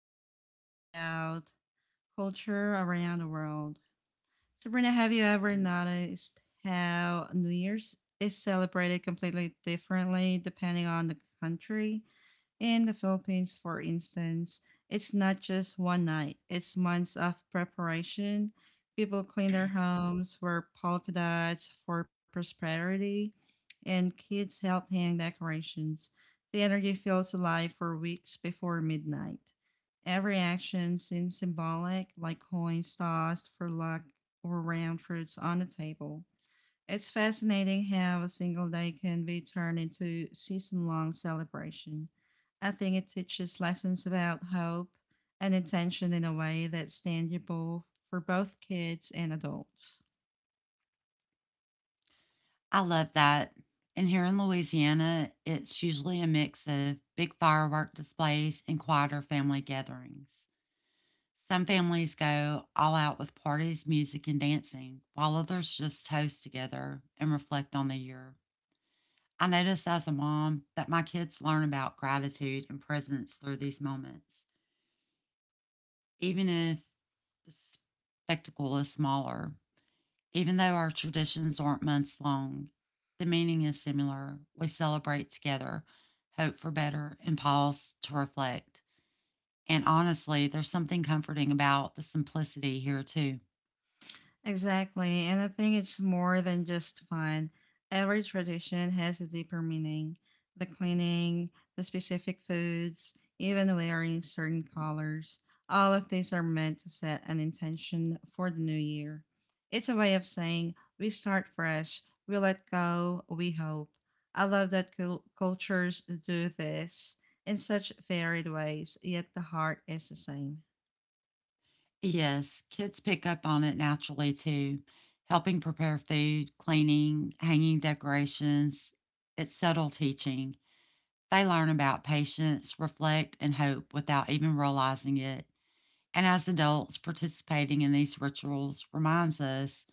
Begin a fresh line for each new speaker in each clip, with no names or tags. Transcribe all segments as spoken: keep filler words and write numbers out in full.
we're gonna talk about culture around the world. So Sabrina, have you ever noticed how New Year's is celebrated completely differently depending on the country? In the Philippines, for instance, it's not just one night, it's months of preparation. People clean their homes, wear polka dots for prosperity, and kids help hang decorations. The energy feels alive for weeks before midnight. Every action seems symbolic, like coins tossed for luck or round fruits on a table. It's fascinating how a single day can be turned into season long celebration. I think it teaches lessons about hope and intention in a way that's tangible for both kids and adults.
I love that. And here in Louisiana, it's usually a mix of big firework displays and quieter family gatherings. Some families go all out with parties, music, and dancing, while others just toast together and reflect on the year. I notice as a mom that my kids learn about gratitude and presence through these moments, even if the spectacle is smaller. Even though our traditions aren't months long, the meaning is similar. We celebrate together, hope for better, and pause to reflect. And honestly, there's something comforting about the simplicity here, too.
Exactly, and I think it's more than just fun. Every tradition has a deeper meaning. The cleaning, the specific foods, even wearing certain colors, all of these are meant to set an intention for the new year. It's a way of saying we start fresh, we let go, we hope. I love that cul- cultures do this in such varied ways, yet the heart is the same.
Yes, kids pick up on it naturally, too, helping prepare food, cleaning, hanging decorations. It's subtle teaching. They learn about patience, reflect, and hope without even realizing it. And as adults, participating in these rituals reminds us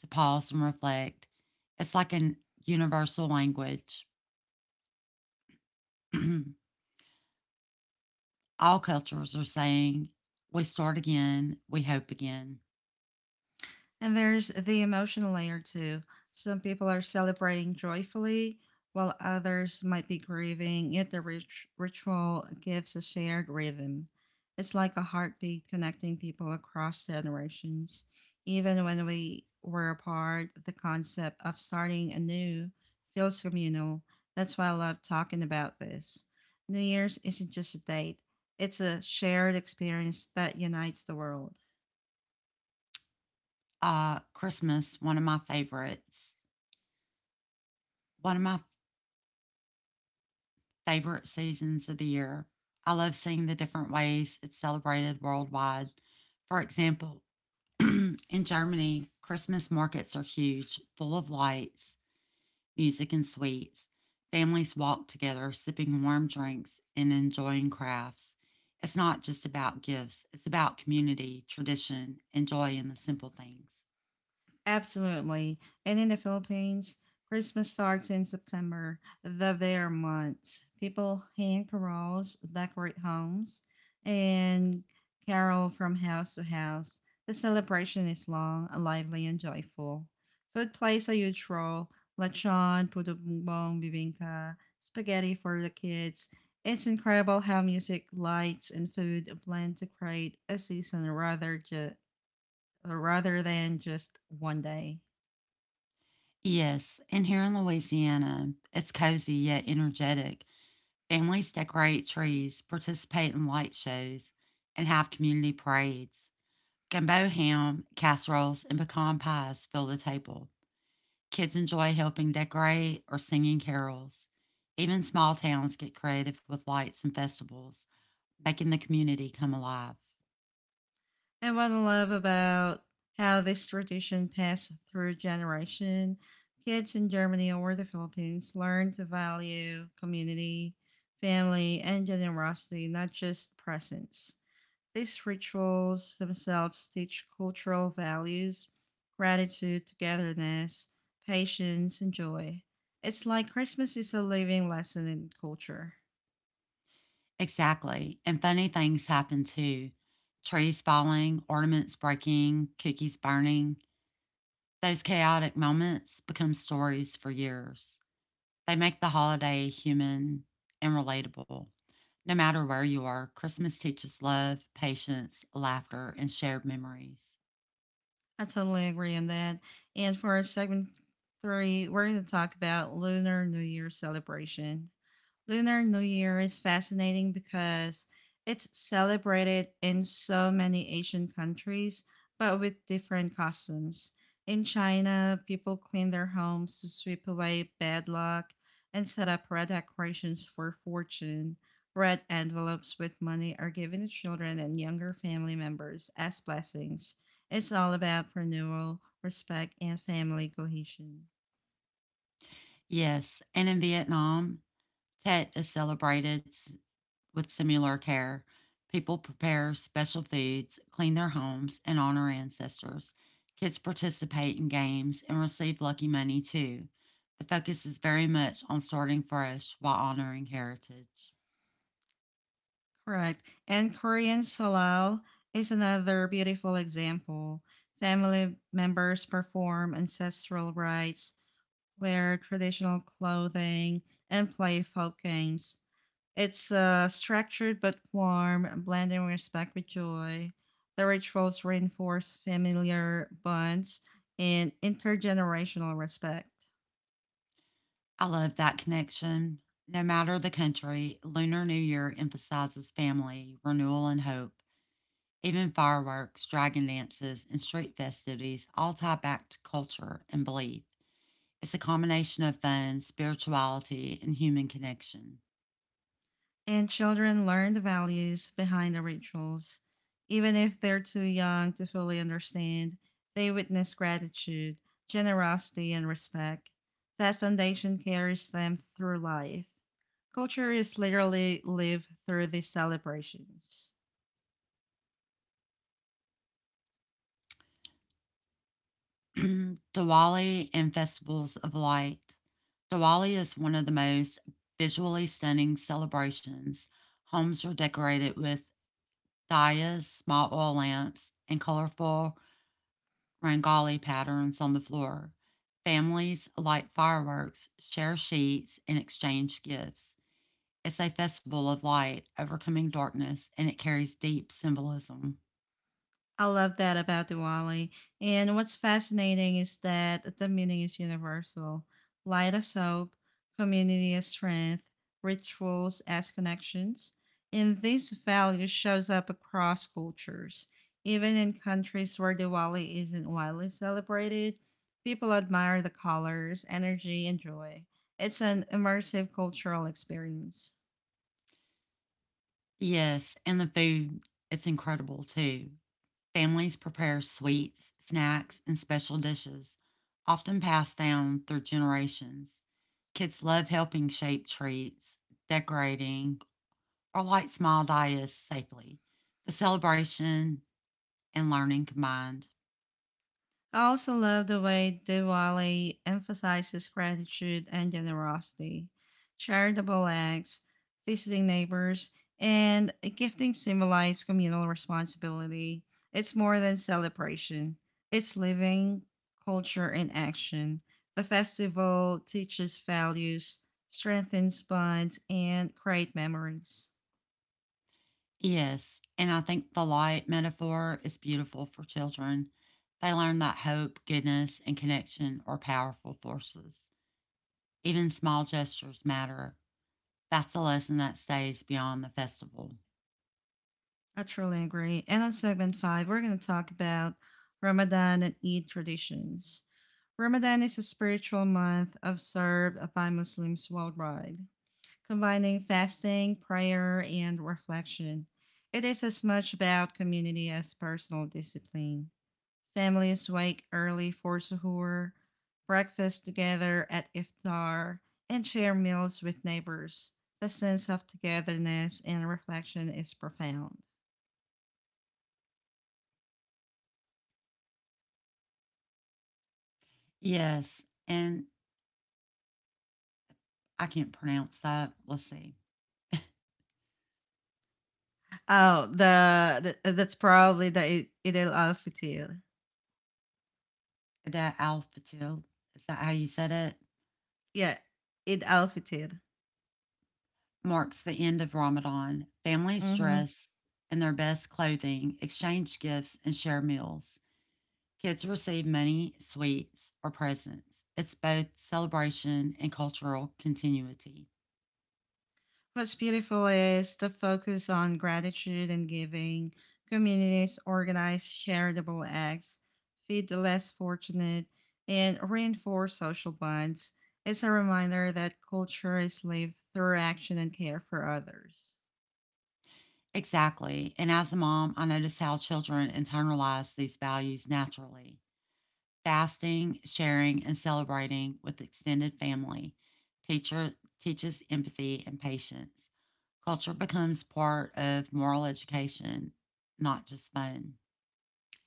to pause and reflect. It's like a universal language. All cultures are saying, we start again, we hope again.
And there's the emotional layer too. Some people are celebrating joyfully, while others might be grieving, yet the rit- ritual gives a shared rhythm. It's like a heartbeat connecting people across generations. Even when we were apart, the concept of starting anew feels communal. That's why I love talking about this. New Year's isn't just a date, it's a shared experience that unites the world.
Uh, Christmas, one of my favorites, one of my favorite seasons of the year. I love seeing the different ways it's celebrated worldwide. For example, in Germany, Christmas markets are huge, full of lights, music and sweets. Families walk together, sipping warm drinks and enjoying crafts. It's not just about gifts, it's about community, tradition, and joy in the simple things.
Absolutely. And in the Philippines, Christmas starts in September, the bear month. People hang paroles, decorate homes, and carol from house to house. The celebration is long, lively, and joyful. Food plays a huge role. Lechon, puto bumbong, bibingka, spaghetti for the kids. It's incredible how music, lights, and food blend to create a season rather, ju- rather than just one day.
Yes, and here in Louisiana, it's cozy yet energetic. Families decorate trees, participate in light shows, and have community parades. Gumbo ham, casseroles, and pecan pies fill the table. Kids enjoy helping decorate or singing carols. Even small towns get creative with lights and festivals, making the community come alive.
And what I love about how this tradition passed through generation, kids in Germany or the Philippines learn to value community, family, and generosity, not just presents. These rituals themselves teach cultural values, gratitude, togetherness, patience, and joy. It's like Christmas is a living lesson in culture.
Exactly. And funny things happen too, trees falling, ornaments breaking, cookies burning. Those chaotic moments become stories for years. They make the holiday human and relatable. No matter where you are, Christmas teaches love, patience, laughter, and shared memories.
I totally agree on that. And for segment three, we're going to talk about Lunar New Year celebration. Lunar New Year is fascinating because it's celebrated in so many Asian countries, but with different customs. In China, people clean their homes to sweep away bad luck and set up red decorations for fortune. Red envelopes with money are given to children and younger family members as blessings. It's all about renewal, respect, and family cohesion.
Yes, and in Vietnam, Tet is celebrated with similar care. People prepare special foods, clean their homes, and honor ancestors. Kids participate in games and receive lucky money too. The focus is very much on starting fresh while honoring heritage.
Correct. And Korean Solal is another beautiful example. Family members perform ancestral rites, wear traditional clothing, and play folk games. It's uh, structured but warm, blending respect with joy. The rituals reinforce familiar bonds and intergenerational respect.
I love that connection. No matter the country, Lunar New Year emphasizes family, renewal, and hope. Even fireworks, dragon dances, and street festivities all tie back to culture and belief. It's a combination of fun, spirituality, and human connection.
And children learn the values behind the rituals. Even if they're too young to fully understand, they witness gratitude, generosity, and respect. That foundation carries them through life. Culture is literally lived through these celebrations.
Diwali and Festivals of Light. Diwali is one of the most visually stunning celebrations. Homes are decorated with diyas, small oil lamps, and colorful rangoli patterns on the floor. Families light fireworks, share sheets, and exchange gifts. It's a festival of light, overcoming darkness, and it carries deep symbolism.
I love that about Diwali. And what's fascinating is that the meaning is universal light as hope, community as strength, rituals as connections. And this value shows up across cultures. Even in countries where Diwali isn't widely celebrated, people admire the colors, energy, and joy. It's an immersive cultural experience.
Yes, and the food, it's incredible too. Families prepare sweets, snacks, and special dishes, often passed down through generations. Kids love helping shape treats, decorating, or light small diets safely. The celebration and learning combined.
I also love the way Diwali emphasizes gratitude and generosity, charitable acts, visiting neighbors, and gifting symbolize communal responsibility. It's more than celebration, it's living culture in action. The festival teaches values, strengthens bonds, and create memories.
Yes, and I think the light metaphor is beautiful for children. They learn that hope, goodness, and connection are powerful forces. Even small gestures matter. That's a lesson that stays beyond the festival.
I truly agree. And on segment five, we're going to talk about Ramadan and Eid traditions. Ramadan is a spiritual month observed by Muslims worldwide, combining fasting, prayer, and reflection. It is as much about community as personal discipline. Families wake early for suhoor, breakfast together at iftar, and share meals with neighbors. The sense of togetherness and reflection is profound.
Yes, and I can't pronounce that. Let's see.
Oh, the, the that's probably the Eid al Fitr.
The al fatil, is that how you said it?
Yeah, Eid al Fitr.
Marks the end of Ramadan. Families
Mm-hmm.
dress in their best clothing, exchange gifts, and share meals. Kids receive money, sweets, or presents. It's both celebration and cultural continuity.
What's beautiful is the focus on gratitude and giving. Communities organize charitable acts, feed the less fortunate, and reinforce social bonds. It's a reminder that culture is lived through action and care for others.
Exactly. And as a mom, I notice how children internalize these values naturally. Fasting, sharing, and celebrating with extended family teacher teaches empathy and patience. Culture becomes part of moral education, not just fun.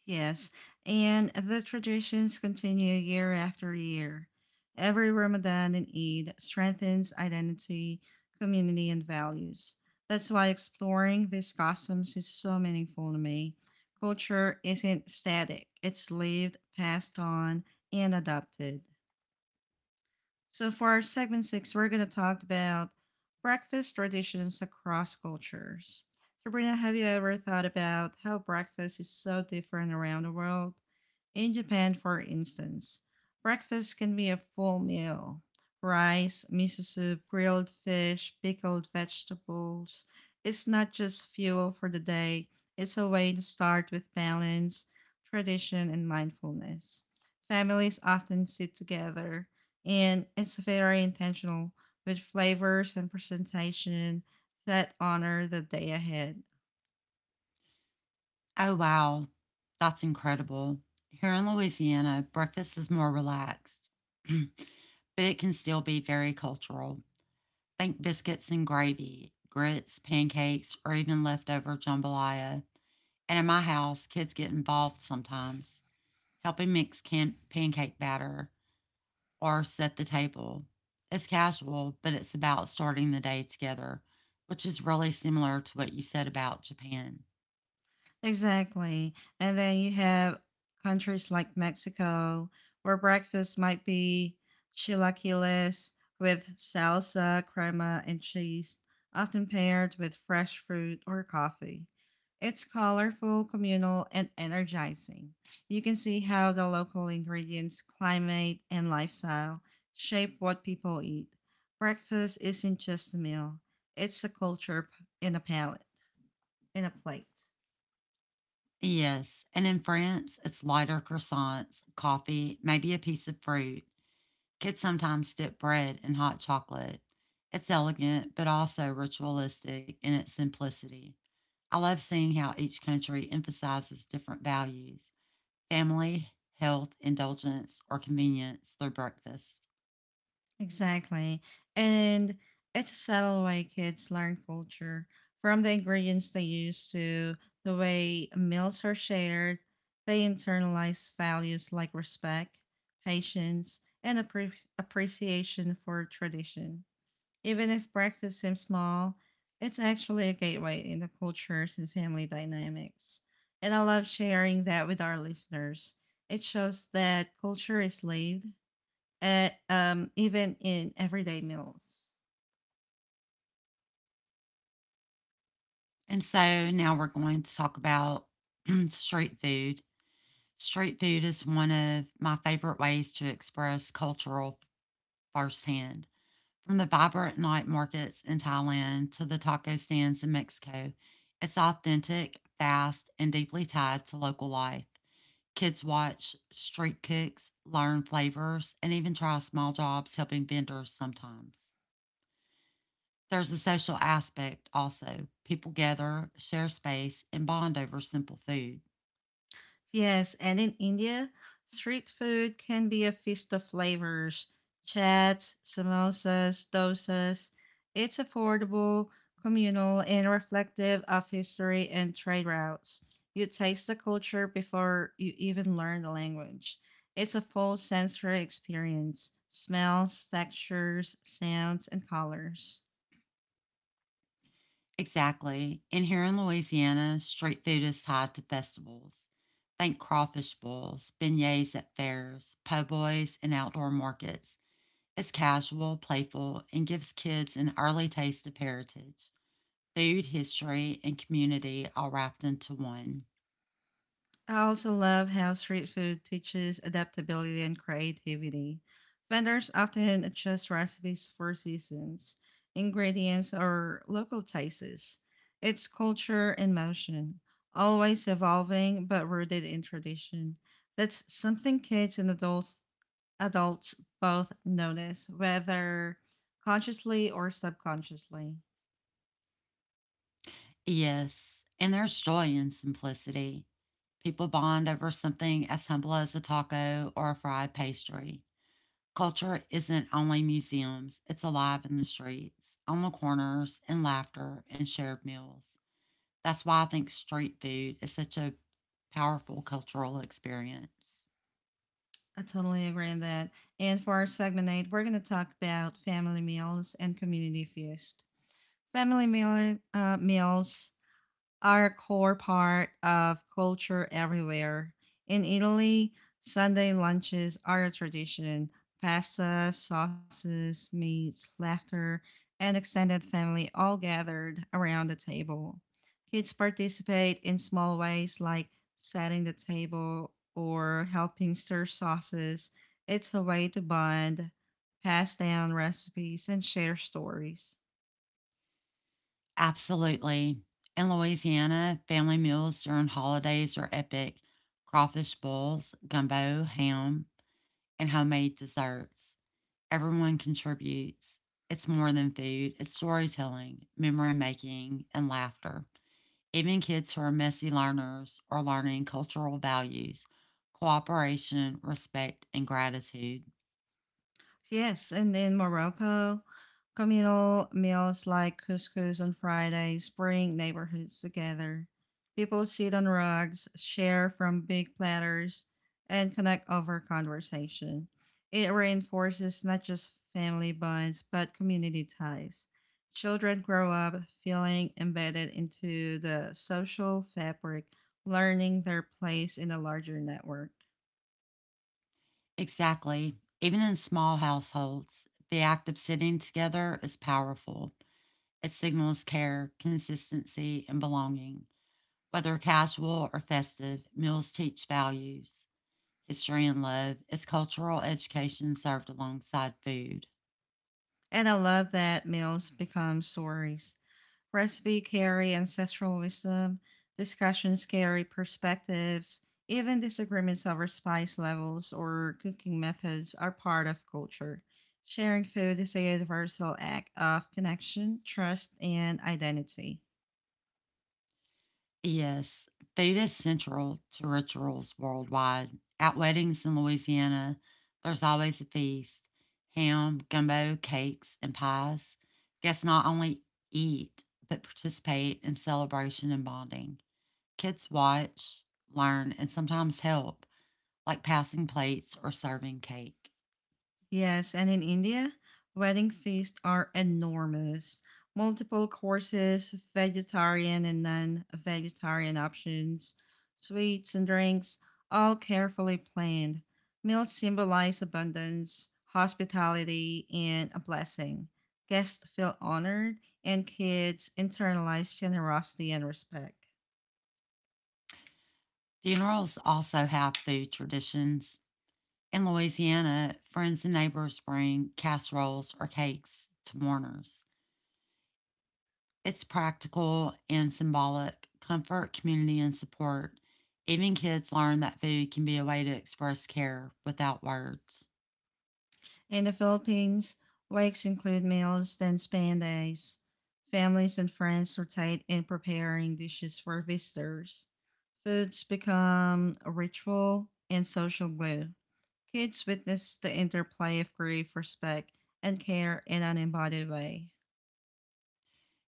Yes, and the traditions continue year after year. Every Ramadan and Eid strengthens identity, community, and values. That's why exploring these customs is so meaningful to me. Culture isn't static, it's lived, passed on, and adopted. So, for our segment six, we're going to talk about breakfast traditions across cultures. Sabrina, have you ever thought about how breakfast is so different around the world? In Japan, for instance, breakfast can be a full meal rice, miso soup, grilled fish, pickled vegetables. It's not just fuel for the day, it's a way to start with balance, tradition, and mindfulness. Families often sit together and it's very intentional with flavors and presentation that honor the day ahead.
Oh wow, that's incredible. Here in Louisiana, breakfast is more relaxed, but it can still be very cultural. Think biscuits and gravy, grits, pancakes, or even leftover jambalaya. And in my house, kids get involved sometimes, helping mix can- pancake batter, or set the table. It's casual, but it's about starting the day together, which is really similar to what you said about Japan.
Exactly. And then you have countries like Mexico, where breakfast might be chilaquiles with salsa, crema, and cheese, often paired with fresh fruit or coffee. It's colorful, communal, and energizing. You can see how the local ingredients, climate, and lifestyle shape what people eat. Breakfast isn't just a meal, it's a culture p- in a palate, in a plate.
Yes, and in France, it's lighter croissants, coffee, maybe a piece of fruit. Kids sometimes dip bread in hot chocolate. It's elegant, but also ritualistic in its simplicity. I love seeing how each country emphasizes different values, family, health, indulgence, or convenience through breakfast.
Exactly. And it's a subtle way kids learn culture from the ingredients they use to the way meals are shared. They internalize values like respect, patience, and appre- appreciation for tradition. Even if breakfast seems small, it's actually a gateway into cultures and family dynamics. And I love sharing that with our listeners. It shows that culture is lived, uh, um, even in everyday meals.
And so now we're going to talk about street food. Street food is one of my favorite ways to express cultural firsthand. From the vibrant night markets in Thailand to the taco stands in Mexico, it's authentic, fast, and deeply tied to local life. Kids watch street cooks, learn flavors, and even try small jobs helping vendors sometimes. There's a social aspect also. People gather, share space, and bond over simple food.
Yes, and in India, street food can be a feast of flavors chats, samosas, dosas. It's affordable, communal, and reflective of history and trade routes. You taste the culture before you even learn the language. It's a full sensory experience smells, textures, sounds, and colors.
Exactly. And here in Louisiana, street food is tied to festivals. Think crawfish bowls, beignets at fairs, po' boys, and outdoor markets. It's casual, playful, and gives kids an early taste of heritage, food, history, and community all wrapped into one.
I also love how street food teaches adaptability and creativity. Vendors often adjust recipes for seasons, ingredients, or local tastes. It's culture in motion, always evolving but rooted in tradition. That's something kids and adults adults both notice, whether consciously or subconsciously.
Yes. And there's joy in simplicity. People bond over something as humble as a taco or a fried pastry. Culture isn't only museums, it's alive in the streets, on the corners, in laughter, and shared meals. That's why I think street food is such a powerful cultural experience.
I totally agree on that. And for our segment eight, we're gonna talk about family meals and community feast. Family meal uh, meals are a core part of culture everywhere. In Italy, Sunday lunches are a tradition. Pasta, sauces, meats, laughter, and extended family all gathered around the table. Kids participate in small ways like setting the table or helping stir sauces. It's a way to bond, pass down recipes, and share stories.
Absolutely. In Louisiana, family meals during holidays are epic, crawfish bowls, gumbo, ham, and homemade desserts. Everyone contributes. It's more than food, it's storytelling, memory making, and laughter. Even kids who are messy learners are learning cultural values, cooperation, respect, and gratitude.
Yes, and in Morocco, communal meals like couscous on Fridays bring neighborhoods together. People sit on rugs, share from big platters, and connect over conversation. It reinforces not just family bonds, but community ties. Children grow up feeling embedded into the social fabric, learning their place in a larger network.
Exactly. Even in small households, the act of sitting together is powerful. It signals care, consistency, and belonging. Whether casual or festive, meals teach values, history, and love. It's cultural education served alongside food.
And I love that meals become stories Recipe carry ancestral wisdom, discussions carry perspectives, even disagreements over spice levels or cooking methods are part of culture. Sharing food is a universal act of connection, trust, and identity.
Yes, food is central to rituals worldwide. At weddings in Louisiana, there's always a feast, ham, gumbo, cakes, and pies. Guests not only eat, but participate in celebration and bonding. Kids watch, learn, and sometimes help, like passing plates or serving cake.
Yes, and in India, wedding feasts are enormous. Multiple courses, vegetarian and non vegetarian options, sweets and drinks, all carefully planned. Meals symbolize abundance, hospitality, and a blessing. Guests feel honored, and kids internalize generosity and respect.
Funerals also have food traditions. In Louisiana, friends and neighbors bring casseroles or cakes to mourners. It's practical and symbolic, comfort, community, and support. Even kids learn that food can be a way to express care without words.
In the Philippines, wakes include meals, then span days. Families and friends rotate in preparing dishes for visitors. Foods become a ritual and social glue. Kids witness the interplay of grief, respect, and care in an embodied way.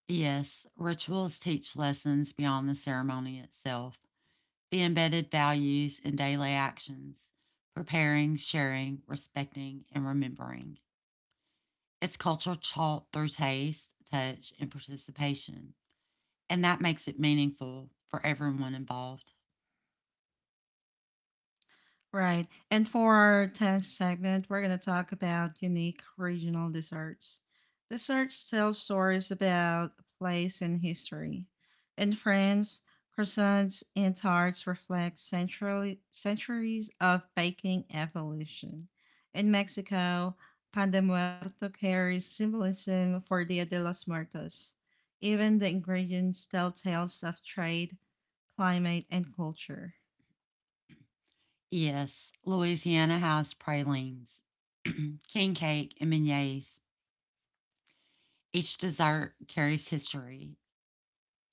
Yes, rituals teach lessons beyond the ceremony itself. The embedded values in daily actions, preparing, sharing, respecting, and remembering. It's culture taught through taste, touch, and participation, and that makes it meaningful for everyone involved.
Right. And for our tenth segment, we're going to talk about unique regional desserts. Desserts tell stories about a place and history. In France, croissants and tarts reflect centrally, centuries of baking evolution. In Mexico, pan de muerto carries symbolism for Dia de los Muertos. Even the ingredients tell tales of trade, climate, and culture.
Yes, Louisiana has pralines, king cake, and beignets. Each dessert carries history,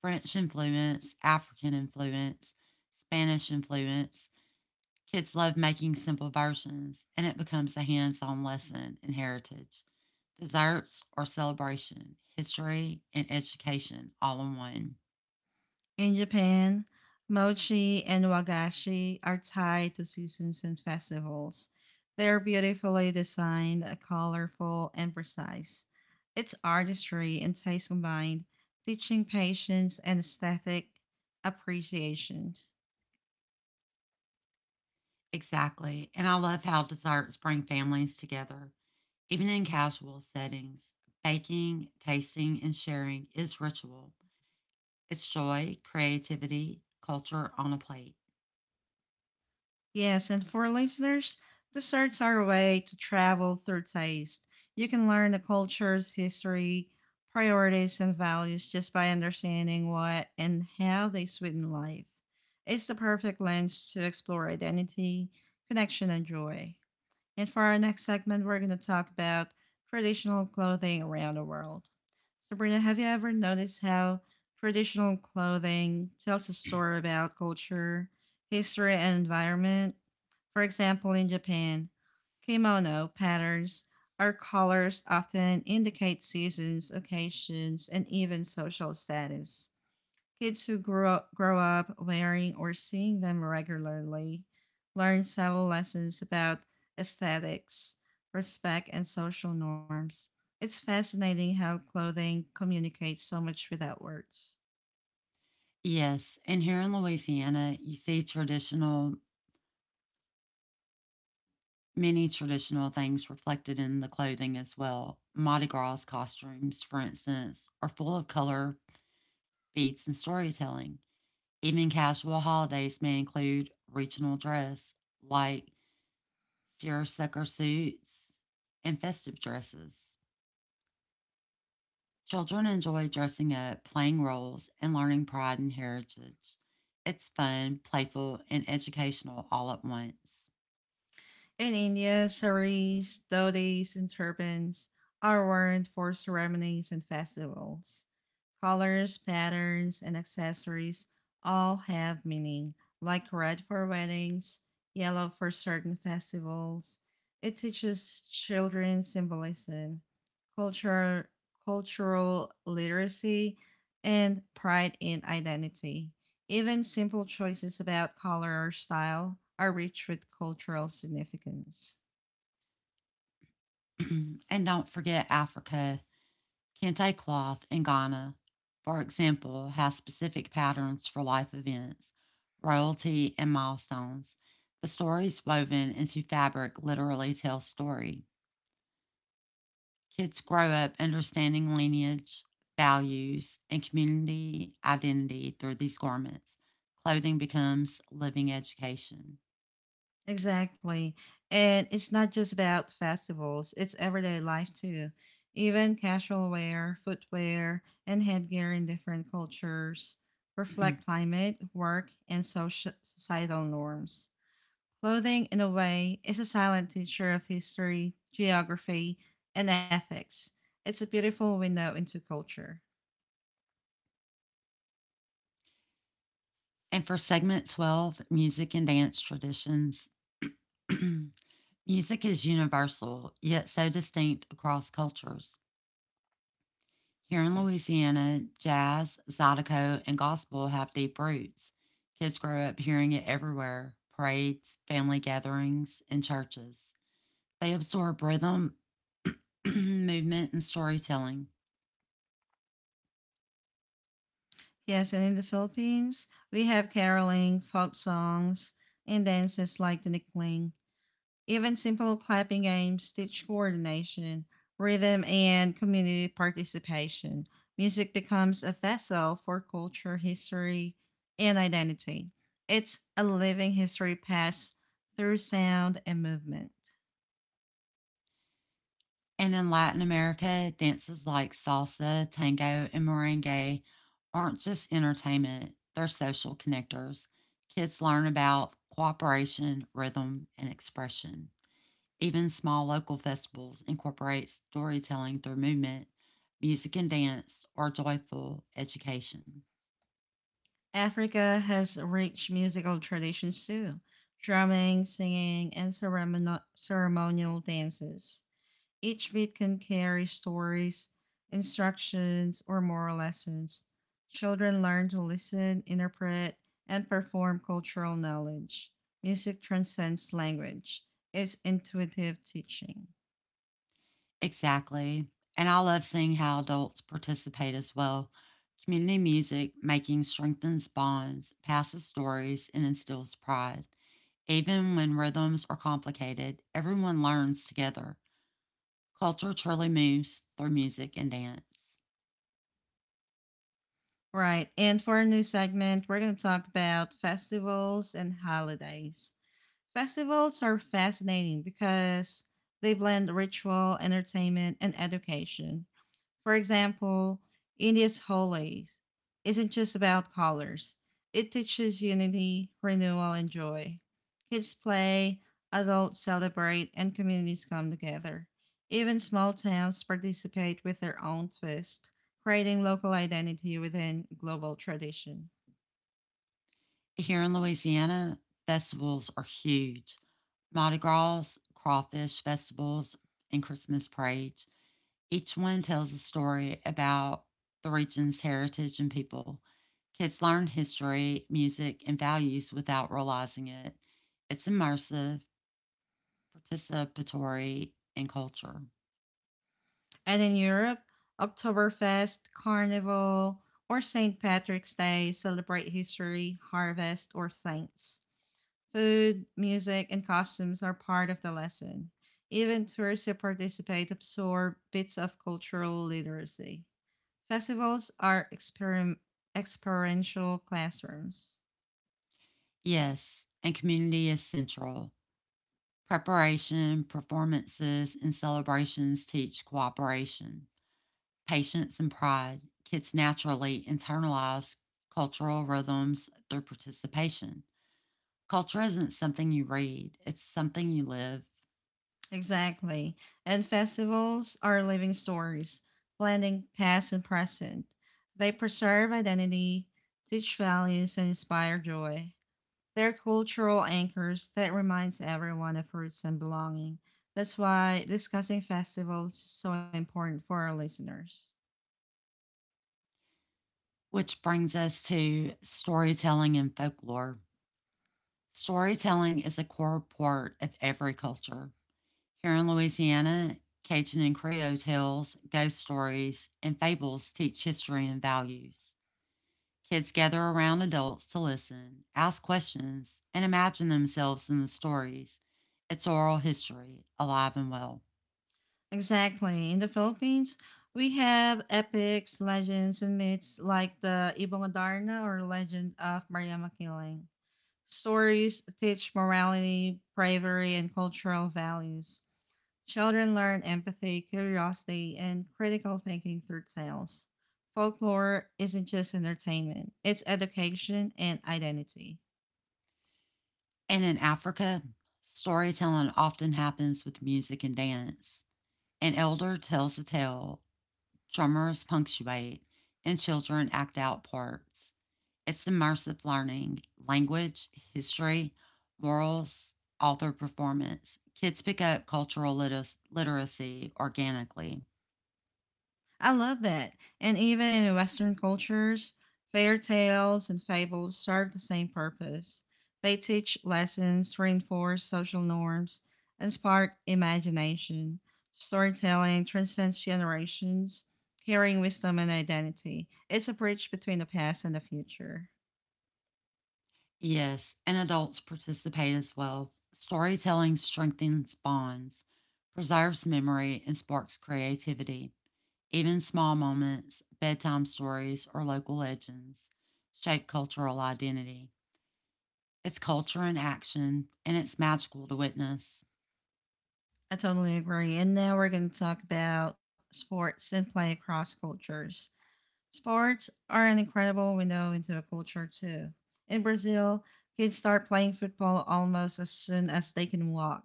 French influence, African influence, Spanish influence. Kids love making simple versions, and it becomes a hands on lesson in heritage, desserts or celebration, history and education all in one.
In Japan, mochi and wagashi are tied to seasons and festivals. They are beautifully designed, colorful, and precise. It's artistry and taste combined, teaching patience and aesthetic appreciation.
Exactly. And I love how desserts bring families together. Even in casual settings, baking, tasting, and sharing is ritual. It's joy, creativity, culture on a plate.
Yes, and for listeners, desserts are a way to travel through taste. You can learn the culture's history, priorities, and values just by understanding what and how they sweeten life. It's the perfect lens to explore identity, connection, and joy. And for our next segment, we're going to talk about traditional clothing around the world. Sabrina, have you ever noticed how traditional clothing tells a story about culture, history, and environment? For example, in Japan, kimono patterns or colors often indicate seasons, occasions, and even social status. Kids who grow up, grow up wearing or seeing them regularly learn several lessons about aesthetics, respect, and social norms. It's fascinating how clothing communicates so much without words.
Yes, and here in Louisiana, you see traditional, many traditional things reflected in the clothing as well. Mardi Gras costumes, for instance, are full of color, beads, and storytelling. Even casual holidays may include regional dress, like seersucker suits and festive dresses. Children enjoy dressing up, playing roles, and learning pride and heritage. It's fun, playful, and educational all at once.
In India, saris, dhotis, and turbans are worn for ceremonies and festivals. Colors, patterns, and accessories all have meaning, like red for weddings, yellow for certain festivals. It teaches children symbolism, culture, cultural literacy, and pride in identity. Even simple choices about color or style are rich with cultural significance.
And don't forget Africa. Kente cloth in Ghana, for example, has specific patterns for life events, royalty, and milestones. The stories woven into fabric literally tell story. Kids grow up understanding lineage, values, and community identity through these garments. Clothing becomes living education.
Exactly. And it's not just about festivals, it's everyday life too. Even casual wear, footwear, and headgear in different cultures reflect climate, work, and social, societal norms. Clothing, in a way, is a silent teacher of history, geography, and ethics. It's a beautiful window into culture.
And for segment twelve, music and dance traditions, music is universal, yet so distinct across cultures. Here in Louisiana, jazz, zydeco, and gospel have deep roots. Kids grow up hearing it everywhere, parades, family gatherings, and churches. They absorb rhythm, movement, and storytelling.
Yes, and in the Philippines, we have caroling, folk songs, and dances like the Nikling. Even simple clapping games teach coordination, rhythm, and community participation. Music becomes a vessel for culture, history, and identity. It's a living history passed through sound and movement.
And in Latin America, dances like salsa, tango, and merengue aren't just entertainment, they're social connectors. Kids learn about cooperation, rhythm, and expression. Even small local festivals incorporate storytelling through movement, music and dance, or joyful education.
Africa has rich musical traditions too, drumming, singing, and ceremon- ceremonial dances. Each beat can carry stories, instructions, or moral lessons. Children learn to listen, interpret, and perform cultural knowledge. Music transcends language, it's intuitive teaching.
Exactly. And I love seeing how adults participate as well. Community music making strengthens bonds, passes stories, and instills pride. Even when rhythms are complicated, everyone learns together. Culture truly moves through music and dance.
Right, and for a new segment, we're going to talk about festivals and holidays. Festivals are fascinating because they blend ritual, entertainment, and education. For example, India's Holi isn't just about colors, it teaches unity, renewal, and joy. Kids play, adults celebrate, and communities come together. Even small towns participate with their own twist, creating local identity within global tradition.
Here in Louisiana, festivals are huge, Mardi Gras, crawfish festivals, and Christmas parade. Each one tells a story about the region's heritage and people. Kids learn history, music, and values without realizing it. It's immersive, participatory, and culture.
And in Europe, Oktoberfest, Carnival, or Saint Patrick's Day celebrate history, harvest, or saints. Food, music, and costumes are part of the lesson. Even tourists who participate absorb bits of cultural literacy. Festivals are experim- experiential classrooms.
Yes, and community is central. Preparation, performances, and celebrations teach cooperation, patience, and pride. Kids naturally internalize cultural rhythms through participation. Culture isn't something you read, it's something you live.
Exactly. And festivals are living stories, blending past and present. They preserve identity, teach values, and inspire joy. They're cultural anchors that reminds everyone of roots and belonging. That's why discussing festivals is so important for our listeners.
Which brings us to storytelling and folklore. Storytelling is a core part of every culture. Here in Louisiana, Cajun and Creole tales, ghost stories, and fables teach history and values. Kids gather around adults to listen, ask questions, and imagine themselves in the stories. It's oral history, alive and well.
Exactly. In the Philippines, we have epics, legends, and myths like the Ibongadarna or legend of Mariama Killing. Stories teach morality, bravery, and cultural values. Children learn empathy, curiosity, and critical thinking through tales. Folklore isn't just entertainment, it's education and identity.
And in Africa, storytelling often happens with music and dance. An elder tells a tale, drummers punctuate, and children act out parts. It's immersive learning, language, history, morals, author performance. Kids pick up cultural lit- literacy organically.
I love that. And even in Western cultures, fairy tales and fables serve the same purpose. They teach lessons, reinforce social norms, and spark imagination. Storytelling transcends generations, carrying wisdom and identity. It's a bridge between the past and the future.
Yes, and adults participate as well. Storytelling strengthens bonds, preserves memory, and sparks creativity. Even small moments, bedtime stories, or local legends shape cultural identity. It's culture in action, and it's magical to witness.
I totally agree. And now we're going to talk about sports and play across cultures. Sports are an incredible window into a culture too. In Brazil, kids start playing football almost as soon as they can walk.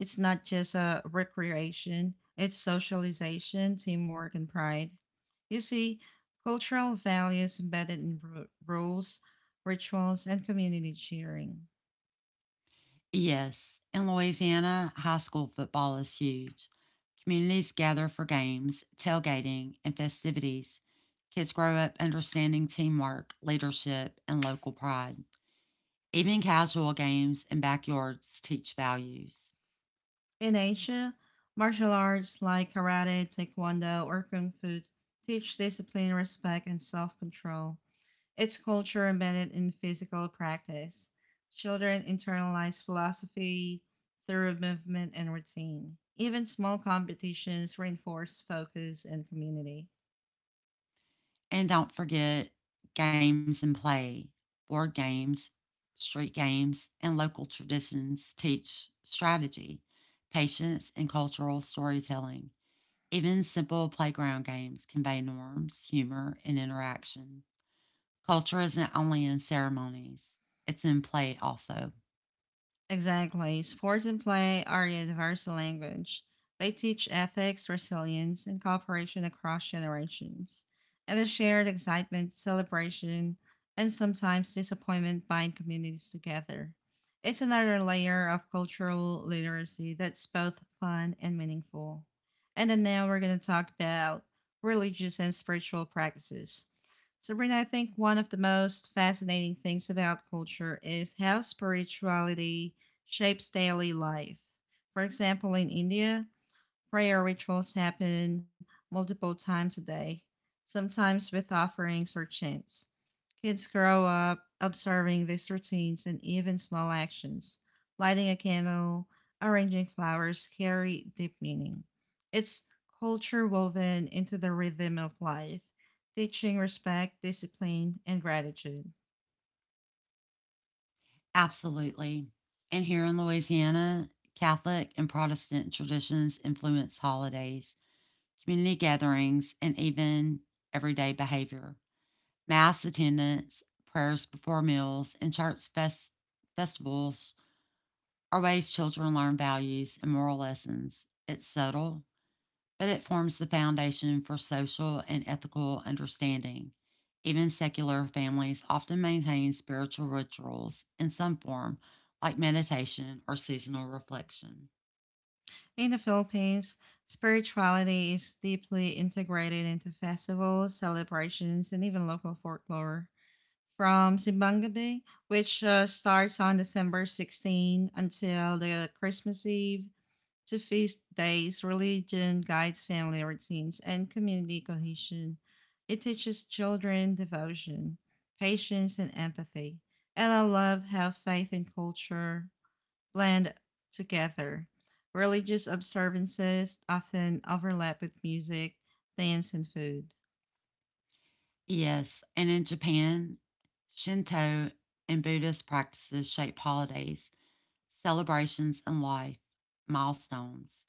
It's not just a recreation, it's socialization, teamwork, and pride. You see, cultural values embedded in ru- rules, rituals, and community cheering.
Yes, in Louisiana, high school football is huge. Communities gather for games, tailgating, and festivities. Kids grow up understanding teamwork, leadership, and local pride. Even casual games and backyards teach values.
In Asia, martial arts like karate, taekwondo, or kung fu teach discipline, respect, and self control. It's culture embedded in physical practice. Children internalize philosophy through movement and routine. Even small competitions reinforce focus and community.
And don't forget games and play, board games, street games, and local traditions teach strategy, patience, and cultural storytelling. Even simple playground games convey norms, humor, and interaction. Culture isn't only in ceremonies, it's in play also.
Exactly. Sports and play are universal language. They teach ethics, resilience, and cooperation across generations. And the shared excitement, celebration, and sometimes disappointment bind communities together. It's another layer of cultural literacy that's both fun and meaningful. And then now we're going to talk about religious and spiritual practices. Sabrina, I think one of the most fascinating things about culture is how spirituality shapes daily life. For example, in India, prayer rituals happen multiple times a day, sometimes with offerings or chants. Kids grow up observing these routines and even small actions. Lighting a candle, arranging flowers carry deep meaning. It's culture woven into the rhythm of life, teaching respect, discipline, and gratitude.
Absolutely. And here in Louisiana, Catholic and Protestant traditions influence holidays, community gatherings, and even everyday behavior. Mass attendance, prayers before meals, and church fest- festivals are ways children learn values and moral lessons. It's subtle, but it forms the foundation for social and ethical understanding. Even secular families often maintain spiritual rituals in some form, like meditation or seasonal reflection.
In the Philippines, spirituality is deeply integrated into festivals, celebrations, and even local folklore. From Simbang Gabi, which uh, starts on December sixteenth until the Christmas Eve, to feast days, religion guides family routines and community cohesion. It teaches children devotion, patience, and empathy. And I love how faith and culture blend together. Religious observances often overlap with music, dance, and food.
Yes, and in Japan, Shinto and Buddhist practices shape holidays, celebrations, and life milestones.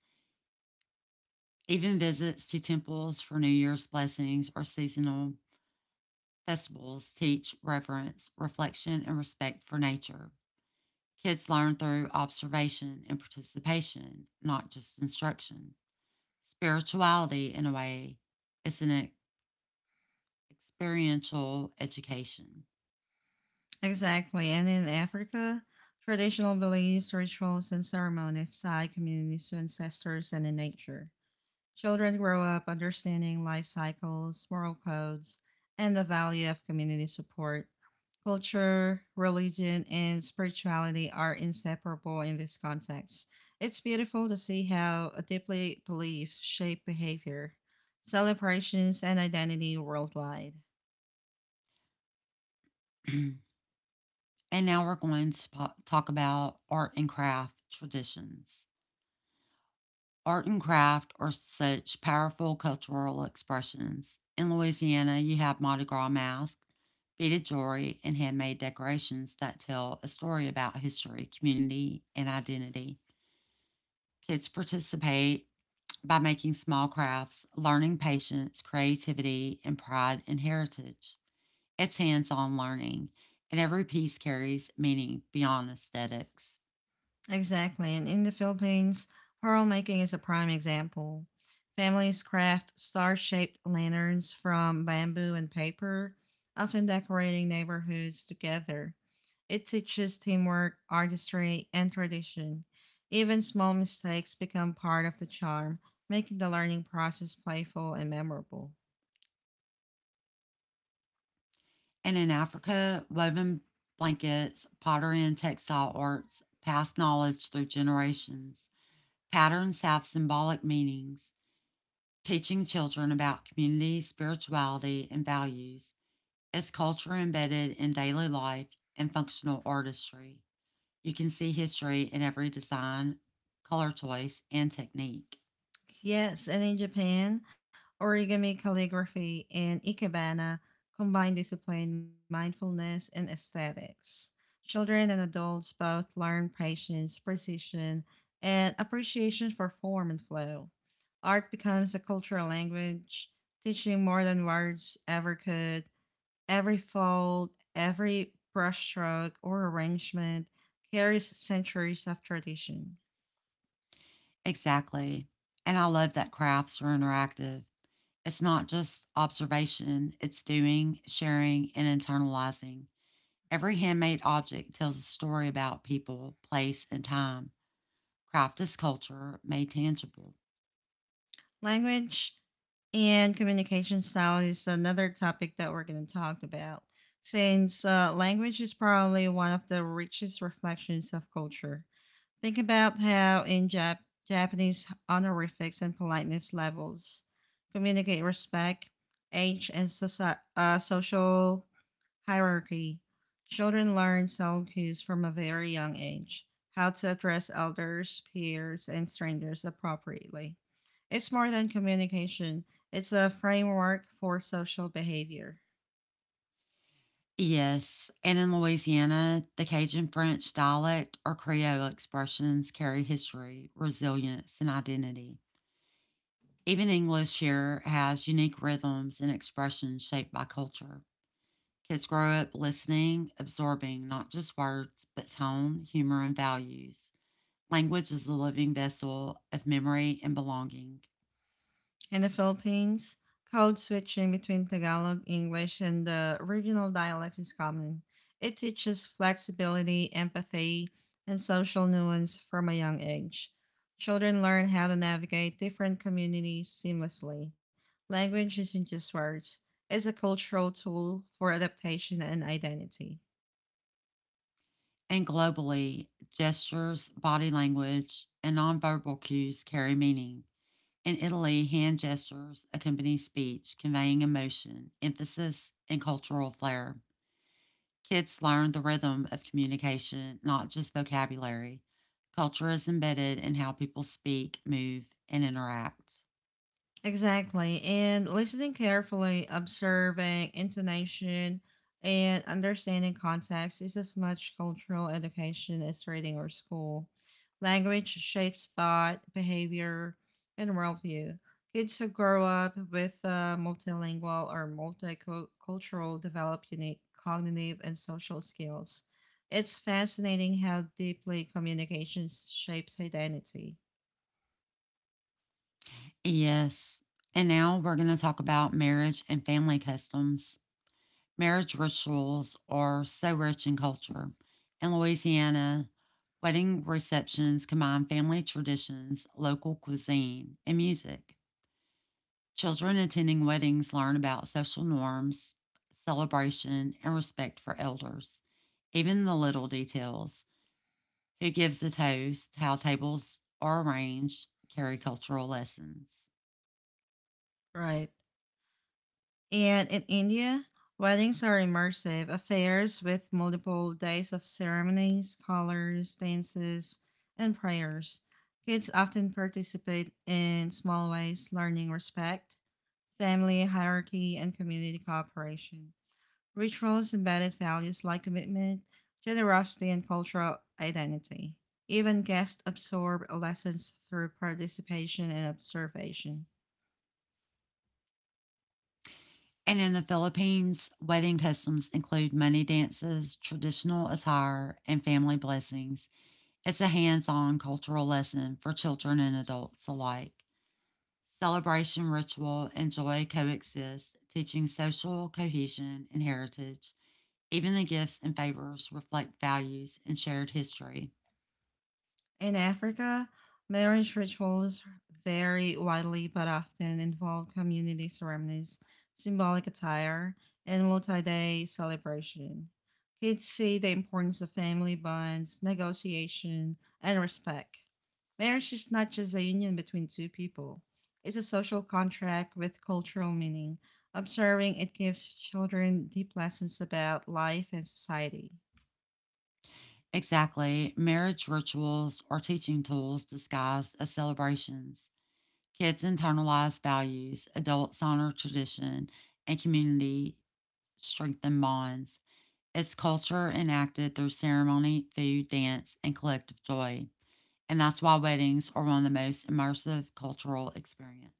Even visits to temples for New Year's blessings or seasonal festivals teach reverence, reflection, and respect for nature. Kids learn through observation and participation, not just instruction. Spirituality, in a way, is an e- experiential education.
Exactly. And in Africa, traditional beliefs, rituals, and ceremonies tie communities to ancestors and in nature. Children grow up understanding life cycles, moral codes, and the value of community support. Culture, religion, and spirituality are inseparable in this context. It's beautiful to see how deeply beliefs shape behavior, celebrations, and identity worldwide.
And now we're going to po- talk about art and craft traditions. Art and craft are such powerful cultural expressions. In Louisiana, you have Mardi Gras masks, beaded jewelry, and handmade decorations that tell a story about history, community, and identity. Kids participate by making small crafts, learning patience, creativity, and pride in heritage. It's hands on learning, and every piece carries meaning beyond aesthetics.
Exactly. And in the Philippines, pearl making is a prime example. Families craft star shaped lanterns from bamboo and paper, often decorating neighborhoods together. It teaches teamwork, artistry, and tradition. Even small mistakes become part of the charm, making the learning process playful and memorable.
And in Africa, woven blankets, pottery, and textile arts pass knowledge through generations. Patterns have symbolic meanings, teaching children about community, spirituality, and values. It's culture embedded in daily life and functional artistry. You can see history in every design, color choice, and technique.
Yes, and in Japan, origami calligraphy and ikebana combine discipline, mindfulness, and aesthetics. Children and adults both learn patience, precision, and appreciation for form and flow. Art becomes a cultural language, teaching more than words ever could. Every fold, every brushstroke or arrangement carries centuries of tradition.
Exactly. And I love that crafts are interactive. It's not just observation, it's doing, sharing, and internalizing. Every handmade object tells a story about people, place, and time. Craft is culture made tangible.
Language and communication style is another topic that we're going to talk about, since uh, language is probably one of the richest reflections of culture. Think about how in Jap- Japanese honorifics and politeness levels communicate respect, age, and soci- uh, social hierarchy. Children learn sound cues from a very young age, how to address elders, peers, and strangers appropriately. It's more than communication, it's a framework for social behavior.
Yes, and in Louisiana, the Cajun French dialect or Creole expressions carry history, resilience, and identity. Even English here has unique rhythms and expressions shaped by culture. Kids grow up listening, absorbing not just words, but tone, humor, and values. Language is a living vessel of memory and belonging.
In the Philippines, code switching between Tagalog, English, and the regional dialects is common. It teaches flexibility, empathy, and social nuance from a young age. Children learn how to navigate different communities seamlessly. Language isn't just words, it's a cultural tool for adaptation and identity.
And globally, gestures, body language, and nonverbal cues carry meaning. In Italy, hand gestures accompany speech, conveying emotion, emphasis, and cultural flair. Kids learn the rhythm of communication, not just vocabulary. Culture is embedded in how people speak, move, and interact.
Exactly. And listening carefully, observing intonation, and understanding context is as much cultural education as reading or school. Language shapes thought, behavior, and worldview. Kids who grow up with a multilingual or multicultural develop unique cognitive and social skills. It's fascinating how deeply communication shapes identity.
Yes. And now we're going to talk about marriage and family customs. Marriage rituals are so rich in culture. In Louisiana, wedding receptions combine family traditions, local cuisine, and music. Children attending weddings learn about social norms, celebration, and respect for elders, even the
Mhm.
little details. Who gives a toast, how tables are arranged, carry cultural lessons.
Right. And in India, weddings are immersive affairs with multiple days of ceremonies, colors, dances, and prayers. Kids often participate in small ways, learning respect, family hierarchy, and community cooperation. Rituals embedded values like commitment, generosity, and cultural identity. Even guests absorb lessons through participation and observation.
And in the Philippines, wedding customs include money dances, traditional attire, and family blessings. It's a hands on cultural lesson for children and adults alike. Celebration, ritual, and joy coexist, teaching social cohesion and heritage. Even the gifts and favors reflect values and shared history.
In Africa, marriage rituals vary widely but often involve community ceremonies, symbolic attire, and multi day celebration. Kids see the importance of family bonds, negotiation, and respect. Marriage is not just a union between two people, it's a social contract with cultural meaning. Observing it gives children deep lessons about life and society.
Exactly, marriage rituals are teaching tools disguised as celebrations. Kids internalize values, adults honor tradition, and community strengthen bonds. It's culture enacted through ceremony, food, dance, and collective joy. And that's why weddings are one of the most immersive cultural experiences.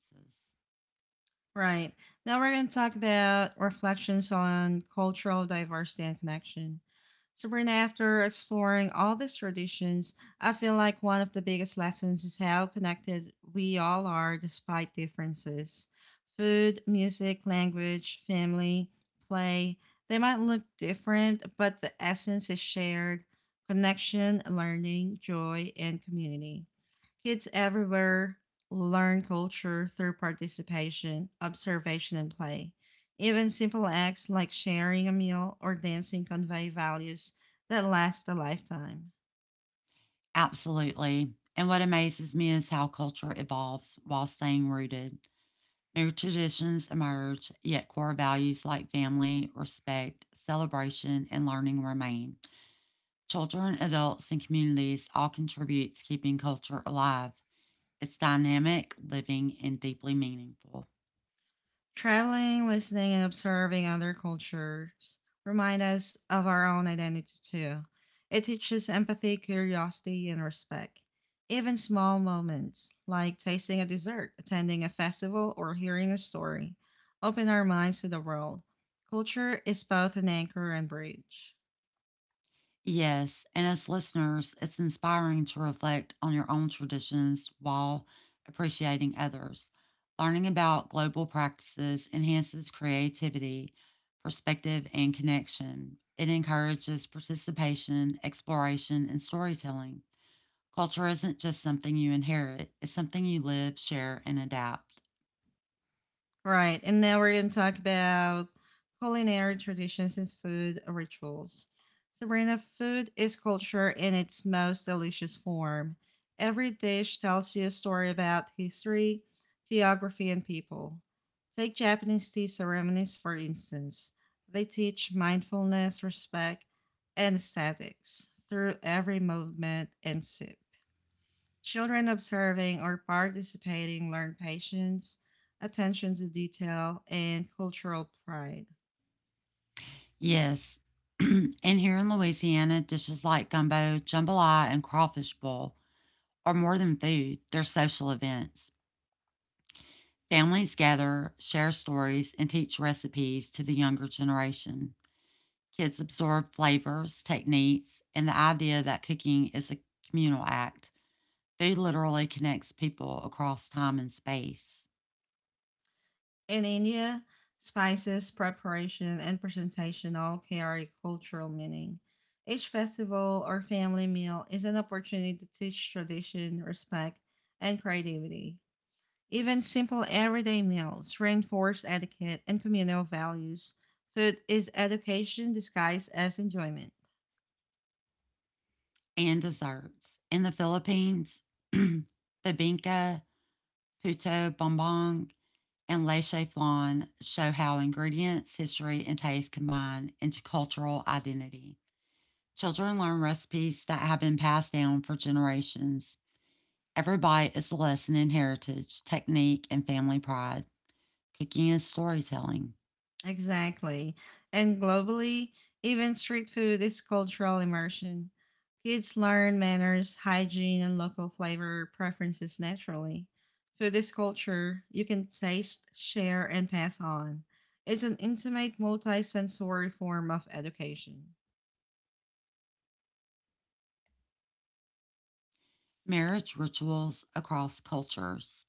Right. Now we're going to talk about reflections on cultural diversity and connection. So, Sabrina, after exploring all these traditions, I feel like one of the biggest lessons is how connected we all are despite differences. Food, music, language, family, play, they might look different, but the essence is shared connection, learning, joy, and community. Kids everywhere learn culture through participation, observation, and play. Even simple acts like sharing a meal or dancing convey values that last a lifetime.
Absolutely. And what amazes me is how culture evolves while staying rooted. New traditions emerge, yet core values like family, respect, celebration, and learning remain. Children, adults, and communities all contribute to keeping culture alive. It's dynamic, living, and deeply meaningful.
Traveling, listening, and observing other cultures remind us of our own identity too. It teaches empathy, curiosity, and respect. Even small moments, like tasting a dessert, attending a festival, or hearing a story, open our minds to the world. Culture is both an anchor and bridge.
Yes, and as listeners, it's inspiring to reflect on your own traditions while appreciating others. Learning about global practices enhances creativity, perspective, and connection. It encourages participation, exploration, and storytelling. Culture isn't just something you inherit, it's something you live, share, and adapt.
Right. And now we're going to talk about culinary traditions and food rituals. Sabrina, food is culture in its most delicious form. Every dish tells you a story about history, geography, and people. Take Japanese tea ceremonies, for instance. They teach mindfulness, respect, and aesthetics through every movement and sip. Children observing or participating learn patience, attention to detail, and cultural pride.
Yes, and here in Louisiana, dishes like gumbo, jambalaya, and crawfish bowl are more than food, they're social events. Families gather, share stories, and teach recipes to the younger generation. Kids absorb flavors, techniques, and the idea that cooking is a communal act. Food literally connects people across time and space.
In India, spices, preparation, and presentation all carry cultural meaning. Each festival or family meal is an opportunity to teach tradition, respect, and creativity. Even simple everyday meals reinforce etiquette and communal values. Food is education disguised as enjoyment.
And desserts. In the Philippines, babinka, puto bombong, and leche flan show how ingredients, history, and taste combine into cultural identity. Children learn recipes that have been passed down for generations. Every bite is a lesson in heritage, technique, and family pride. Cooking is storytelling.
Exactly. And globally, even street food is cultural immersion. Kids learn manners, hygiene, and local flavor preferences naturally. Food is culture you can taste, share, and pass on. It's an intimate, multi-sensory form of education.
Marriage rituals across cultures.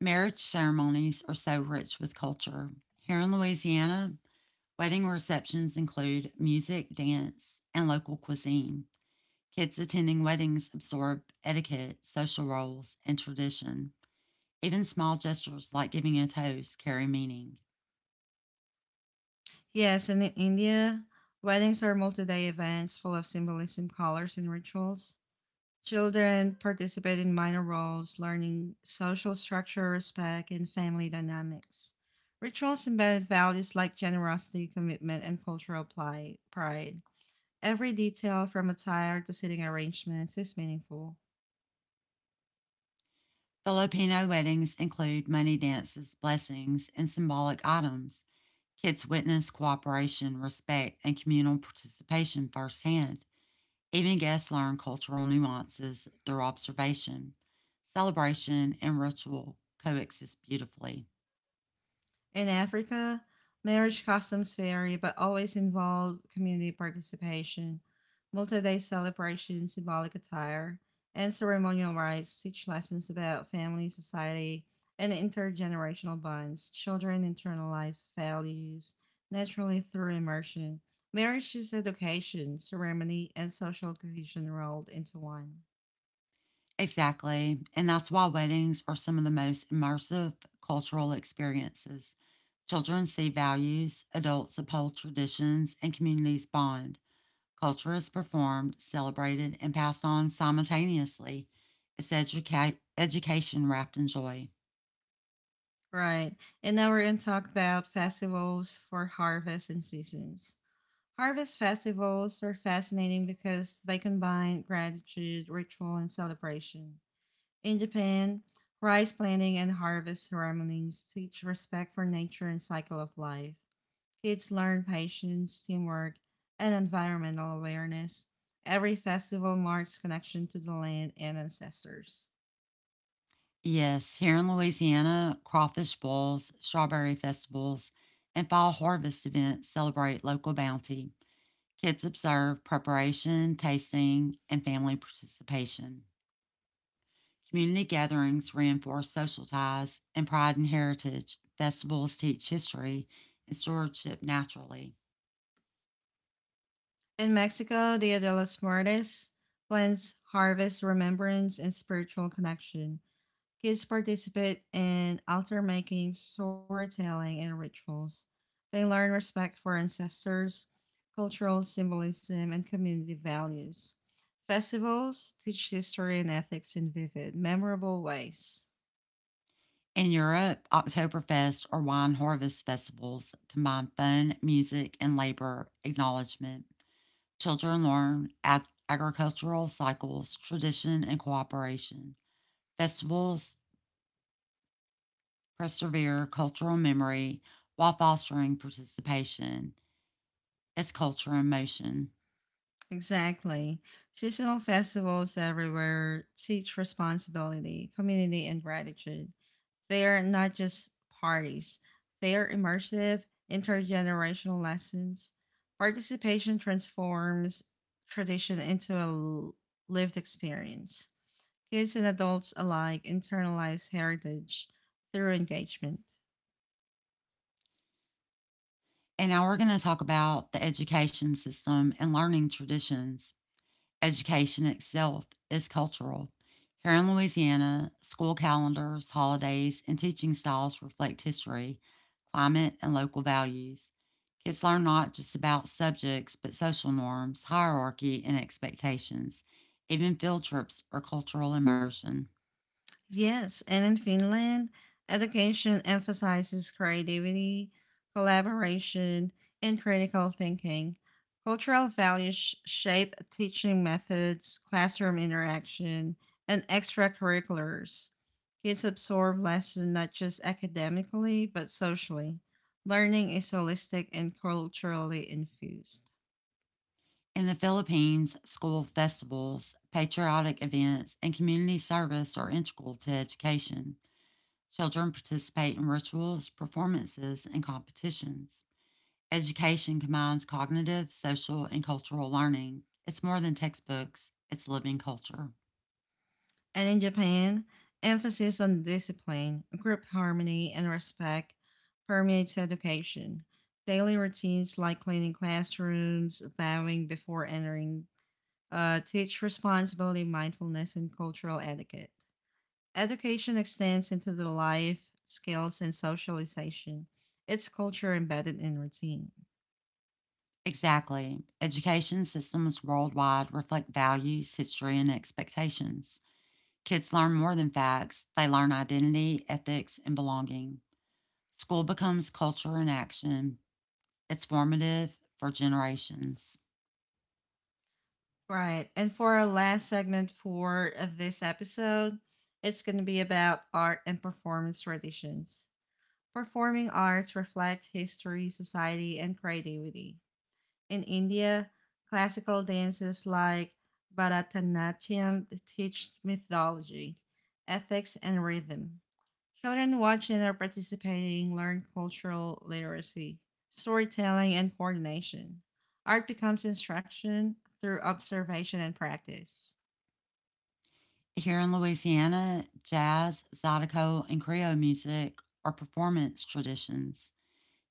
Marriage ceremonies are so rich with culture. Here in Louisiana, wedding receptions include music, dance, and local cuisine. Kids attending weddings absorb etiquette, social roles, and tradition. Even small gestures like giving a toast carry meaning.
Yes, and in India, weddings are multi-day events full of symbolism, colors, and rituals. Children participate in minor roles, learning social structure, respect, and family dynamics. Rituals embed values like generosity, commitment, and cultural pli- pride. Every detail, from attire to seating arrangements, is meaningful.
Filipino weddings include money dances, blessings, and symbolic items. Kids witness cooperation, respect, and communal participation firsthand. Even guests learn cultural nuances through observation. Celebration and ritual coexist beautifully.
In Africa, marriage customs vary but always involve community participation, multi day celebrations, symbolic attire, and ceremonial rites teach lessons about family, society, and intergenerational bonds. Children internalize values naturally through immersion. Marriage is education, ceremony, and social cohesion rolled into one.
Exactly, and that's why weddings are some of the most immersive cultural experiences. Children see values, adults uphold traditions, and communities bond. Culture is performed, celebrated, and passed on simultaneously. It's educa- education wrapped in joy.
Right. And now we're going to talk about festivals for harvest and seasons. Harvest festivals are fascinating because they combine gratitude, ritual, and celebration. In Japan, rice planting and harvest ceremonies teach respect for nature and cycle of life. Kids learn patience, teamwork, and environmental awareness. Every festival marks connection to the land and ancestors.
Yes, here in Louisiana, crawfish boils, strawberry festivals, and fall harvest events celebrate local bounty. Kids observe preparation, tasting, and family participation. Community gatherings reinforce social ties and pride and heritage. Festivals teach history and stewardship naturally.
In Mexico, Dia de los Muertos blends harvest remembrance and spiritual connection. Kids participate in altar making, storytelling, and rituals. They learn respect for ancestors, cultural symbolism, and community values. Festivals teach history and ethics in vivid, memorable ways.
In Europe, Oktoberfest or wine harvest festivals combine fun, music, and labor acknowledgement. Children learn ag- agricultural cycles, tradition, and cooperation. Festivals persevere cultural memory while fostering participation. It's culture in motion.
Exactly. Seasonal festivals everywhere teach responsibility, community, and gratitude. They're not just parties, they're immersive, intergenerational lessons. Participation transforms tradition into a l- lived experience. Kids and adults alike internalize heritage through engagement.
And now we're going to talk about the education system and learning traditions. Education itself is cultural. Here in Louisiana, school calendars, holidays, and teaching styles reflect history, climate, and local values. Kids learn not just about subjects, but social norms, hierarchy, and expectations. Even field trips are cultural immersion.
Yes, and in Finland, education emphasizes creativity, collaboration, and critical thinking. Cultural values sh- shape teaching methods, classroom interaction, and extracurriculars. Kids absorb lessons not just academically, but socially. Learning is holistic and culturally infused.
In the Philippines, school festivals, patriotic events, and community service are integral to education. Children participate in rituals, performances, and competitions. Education combines cognitive, social, and cultural learning. It's more than textbooks, it's living culture.
And in Japan, emphasis on discipline, group harmony, and respect permeates education. Daily routines like cleaning classrooms, bowing before entering, uh, teach responsibility, mindfulness, and cultural etiquette. Education extends into the life, skills, and socialization. It's culture embedded in routine.
Exactly. Education systems worldwide reflect values, history, and expectations. Kids learn more than facts, they learn identity, ethics, and belonging. School becomes culture in action, it's formative for generations.
Right. And for our last segment for uh, this episode, it's going to be about art and performance traditions. Performing arts reflect history, society, and creativity. In India, classical dances like Bharatanatyam teach mythology, ethics, and rhythm. Children watching or participating learn cultural literacy, storytelling, and coordination. Art becomes instruction through observation and practice.
Here in Louisiana, jazz, zydeco, and Creole music are performance traditions.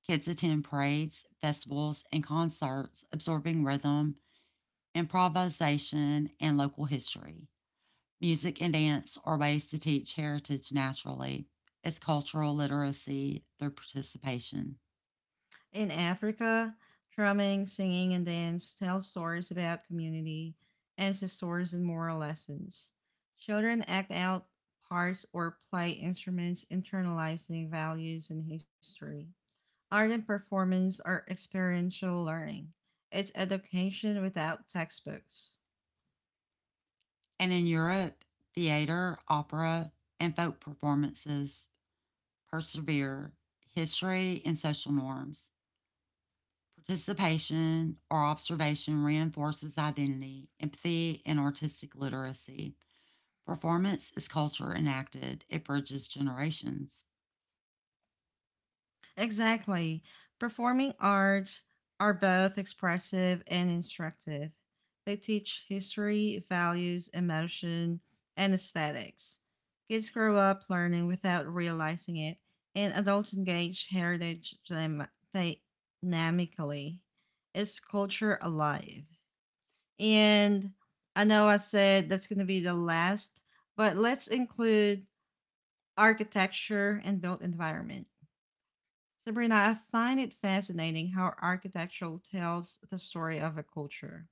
Kids attend parades, festivals, and concerts, absorbing rhythm, improvisation, and local history. Music and dance are ways to teach heritage naturally. It's cultural literacy through participation.
In Africa, drumming, singing, and dance tell stories about community, ancestors, and moral lessons. Children act out parts or play instruments, internalizing values and history. Art and performance are experiential learning. It's education without textbooks.
And in Europe, theater, opera, and folk performances persevere history and social norms. Participation or observation reinforces identity, empathy, and artistic literacy. Performance is culture enacted, it bridges generations.
Exactly. Performing arts are both expressive and instructive. They teach history, values, emotion, and aesthetics. Kids grow up learning without realizing it, and adults engage heritage dynam- dynamically. It's culture alive. And I know I said that's going to be the last, but let's include architecture and built environment. Sabrina, I find it fascinating how architecture tells the story of a culture.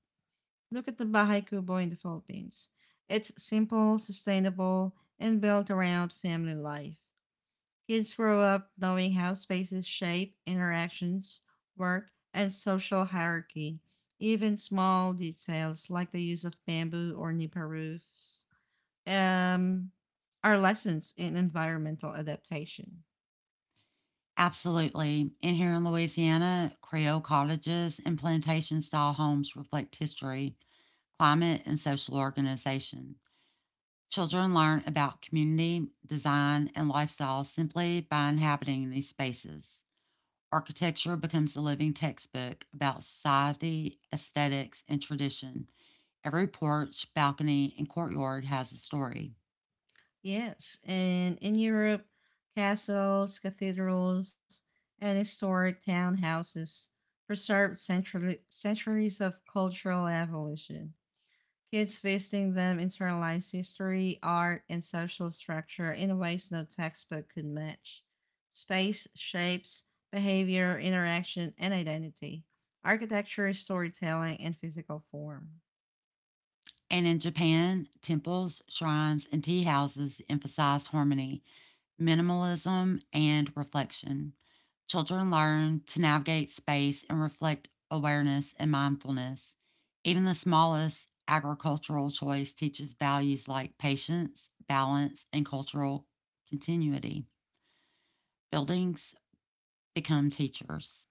Look at the Bahay Kubo in the Philippines. It's simple, sustainable, and built around family life. Kids grow up knowing how spaces shape interactions, work, and social hierarchy. Even small details like the use of bamboo or nipa roofs um, are lessons in environmental adaptation.
Absolutely. And here in Louisiana, Creole cottages and plantation style homes reflect history, climate, and social organization. Children learn about community, design, and lifestyle simply by inhabiting these spaces. Architecture becomes a living textbook about society, aesthetics, and tradition. Every porch, balcony, and courtyard has a story.
Yes, and in Europe, castles, cathedrals, and historic townhouses preserved centrally, centuries of cultural evolution. Kids visiting them internalize history, art, and social structure in ways no textbook could match. Space shapes behavior, interaction, and identity. Architecture, storytelling, and physical form.
And in Japan, temples, shrines, and tea houses emphasize harmony, minimalism, and reflection. Children learn to navigate space and reflect awareness and mindfulness. Even the smallest agricultural choice teaches values like patience, balance, and cultural continuity. Buildings become teachers.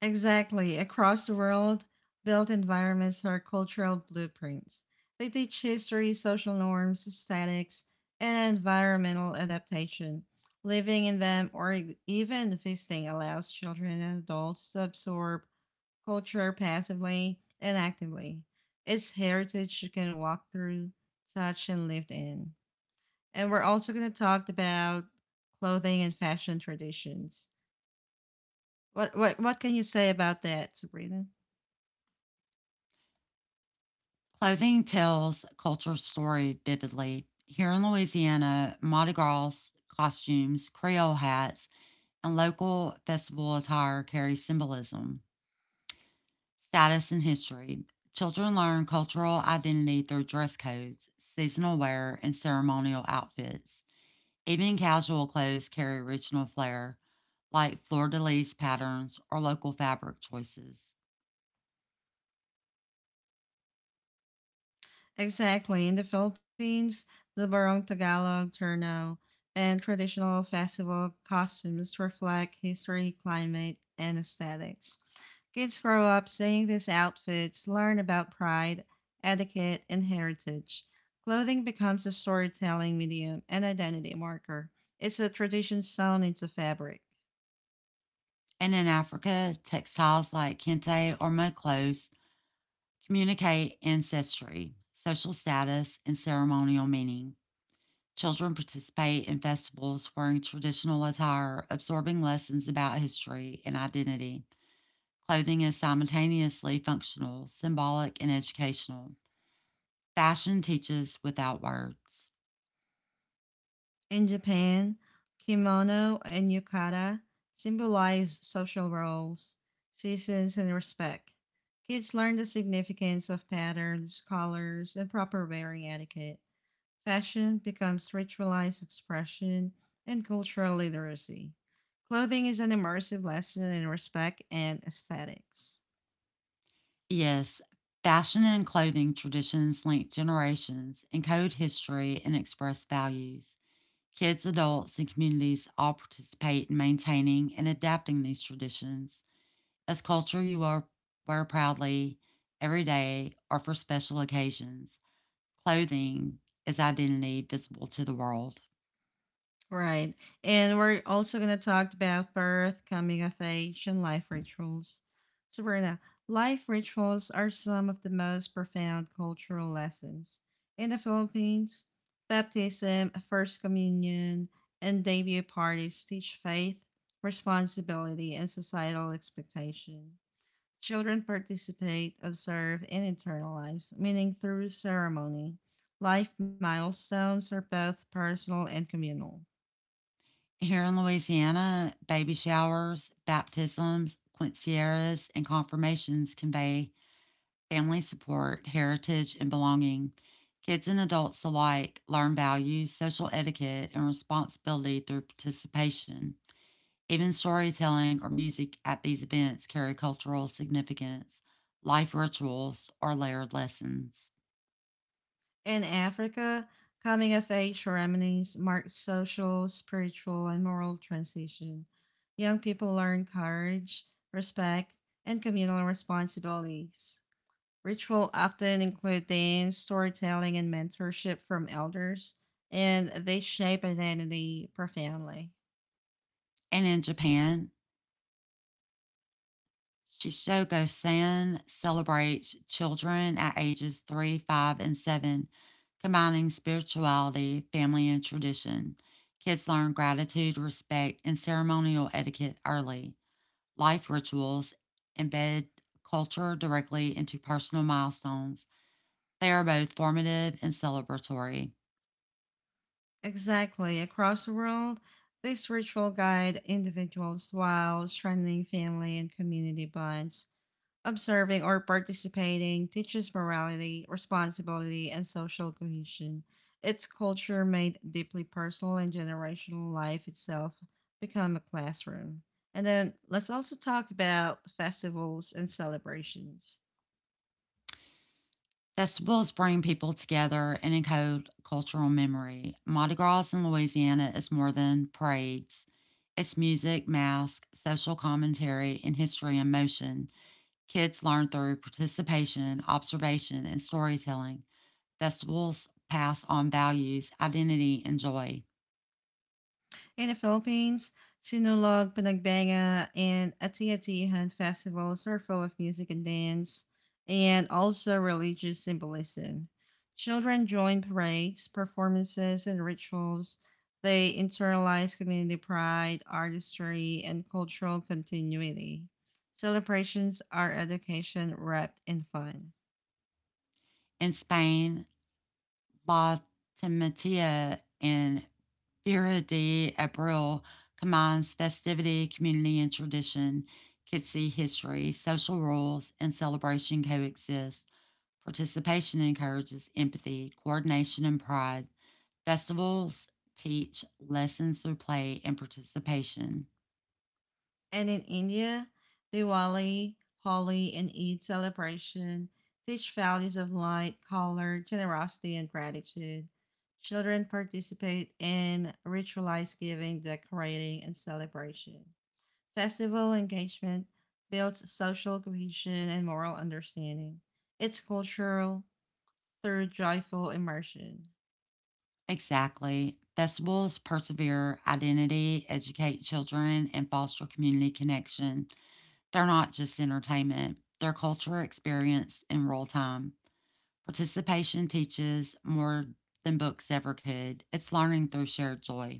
Exactly. Across the world, built environments are cultural blueprints. They teach history, social norms, aesthetics, and environmental adaptation. Living in them or e- even visiting allows children and adults to absorb culture passively and actively. It's heritage you can walk through, touch, and live in. And we're also going to talk about clothing and fashion traditions. What, what, what can you say about that, Sabrina?
Clothing tells culture story vividly. Here in Louisiana, Mardi Gras costumes, Creole hats, and local festival attire carry symbolism, status, and history. Children learn cultural identity through dress codes, seasonal wear, and ceremonial outfits. Even casual clothes carry original flair, like fleur de lis patterns or local fabric choices.
Exactly. In the Philippines, the Barong Tagalog Turno and traditional festival costumes reflect history, climate, and aesthetics. Kids grow up seeing these outfits, learn about pride, etiquette, and heritage. Clothing becomes a storytelling medium and identity marker. It's a tradition sewn into fabric.
And in Africa, textiles like kente or mud clothes communicate ancestry, social status, and ceremonial meaning. Children participate in festivals wearing traditional attire, absorbing lessons about history and identity. Clothing is simultaneously functional, symbolic, and educational. Fashion teaches without words.
In Japan, kimono and yukata symbolize social roles, seasons, and respect. Kids learn the significance of patterns, colors, and proper wearing etiquette. Fashion becomes ritualized expression and cultural literacy. Clothing is an immersive lesson in respect and aesthetics.
Yes, fashion and clothing traditions link generations, encode history, and express values. Kids, adults, and communities all participate in maintaining and adapting these traditions as culture, you are wear proudly every day or for special occasions. Clothing is identity visible to the world.
Right. And we're also going to talk about birth, coming of age, and life rituals. So, Sabrina, life rituals are some of the most profound cultural lessons. In the Philippines, baptism, first communion, and debut parties teach faith, responsibility, and societal expectation. Children participate, observe, and internalize, meaning through ceremony. Life milestones are both personal and communal.
Here in Louisiana, baby showers, baptisms, quinceañeras, and confirmations convey family support, heritage, and belonging. Kids and adults alike learn values, social etiquette, and responsibility through participation. Even storytelling or music at these events carry cultural significance, life rituals, or layered lessons.
In Africa, coming of age ceremonies mark social, spiritual, and moral transition. Young people learn courage, respect, and communal responsibilities. Ritual often include dance, storytelling, and mentorship from elders, and they shape identity profoundly.
And in Japan, Shishogo San celebrates children at ages three, five, and seven, combining spirituality, family, and tradition. Kids learn gratitude, respect, and ceremonial etiquette early. Life rituals embed culture directly into personal milestones. They are both formative and celebratory.
Exactly. Across the world, this ritual guide individuals while strengthening family and community bonds. Observing or participating teaches morality, responsibility, and social cohesion. Its culture made deeply personal and generational life itself become a classroom. And then let's also talk about festivals and celebrations.
Festivals bring people together and encode cultural memory. Mardi Gras in Louisiana is more than parades. It's music, masks, social commentary, and history in motion. Kids learn through participation, observation, and storytelling. Festivals pass on values, identity, and joy.
In the Philippines, Sinulog, Panagbenga, and ati-ati Atiatihan festivals are full of music and dance, and also religious symbolism. Children join parades, performances, and rituals. They internalize community pride, artistry, and cultural continuity. Celebrations are education wrapped in fun.
In Spain, La Timitia and Era de Abril combines festivity, community, and tradition. Kitsy history, social roles, and celebration coexist. Participation encourages empathy, coordination, and pride. Festivals teach lessons through play and participation.
And in India, Diwali, Holi, and Eid celebration teach values of light, color, generosity, and gratitude. Children participate in ritualized giving, decorating, and celebration. Festival engagement builds social cohesion and moral understanding. It's cultural through joyful immersion.
Exactly. Festivals persevere identity, educate children, and foster community connection. They're not just entertainment, they're culture, experience, and role time. Participation teaches more than books ever could. It's learning through shared joy.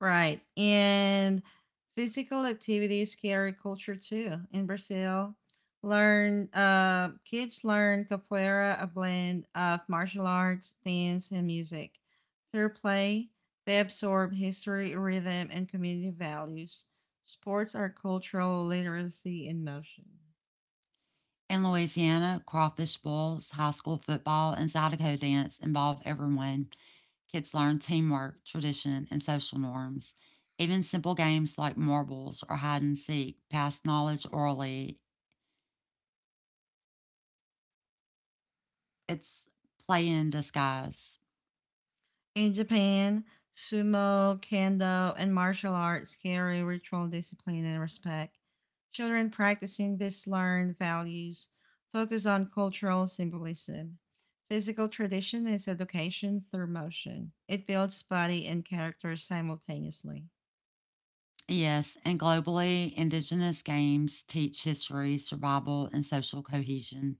Right. And physical activities carry culture too. In Brazil, learn uh, kids learn capoeira, a blend of martial arts, dance, and music. Through play, they absorb history, rhythm, and community values. Sports are cultural literacy in motion.
In Louisiana, crawfish bowls, high school football, and Zydeco dance involve everyone. Kids learn teamwork, tradition, and social norms. Even simple games like marbles or hide and seek pass knowledge orally. It's play in disguise.
In Japan, sumo, kendo, and martial arts carry ritual discipline and respect. Children practicing these learned values focus on cultural symbolism. Physical tradition is education through motion. It builds body and character simultaneously.
Yes, and globally, Indigenous games teach history, survival, and social cohesion.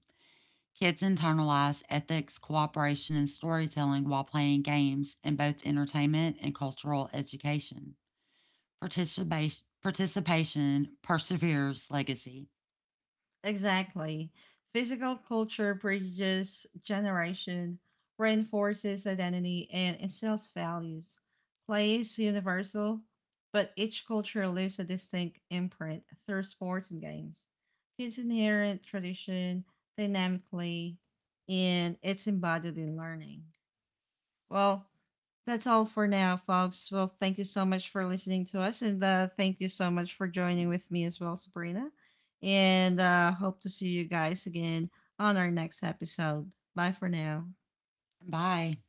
Kids internalize ethics, cooperation, and storytelling while playing games in both entertainment and cultural education. Participation, participation perseveres legacy.
Exactly. Physical culture bridges generation, reinforces identity, and instills values. Play is universal, but each culture leaves a distinct imprint through sports and games. Kids inherit tradition dynamically, and it's embodied in learning. Well, that's all for now, folks. Well, thank you so much for listening to us, and uh, thank you so much for joining with me as well, Sabrina. And uh, hope to see you guys again on our next episode. Bye for now.
Bye.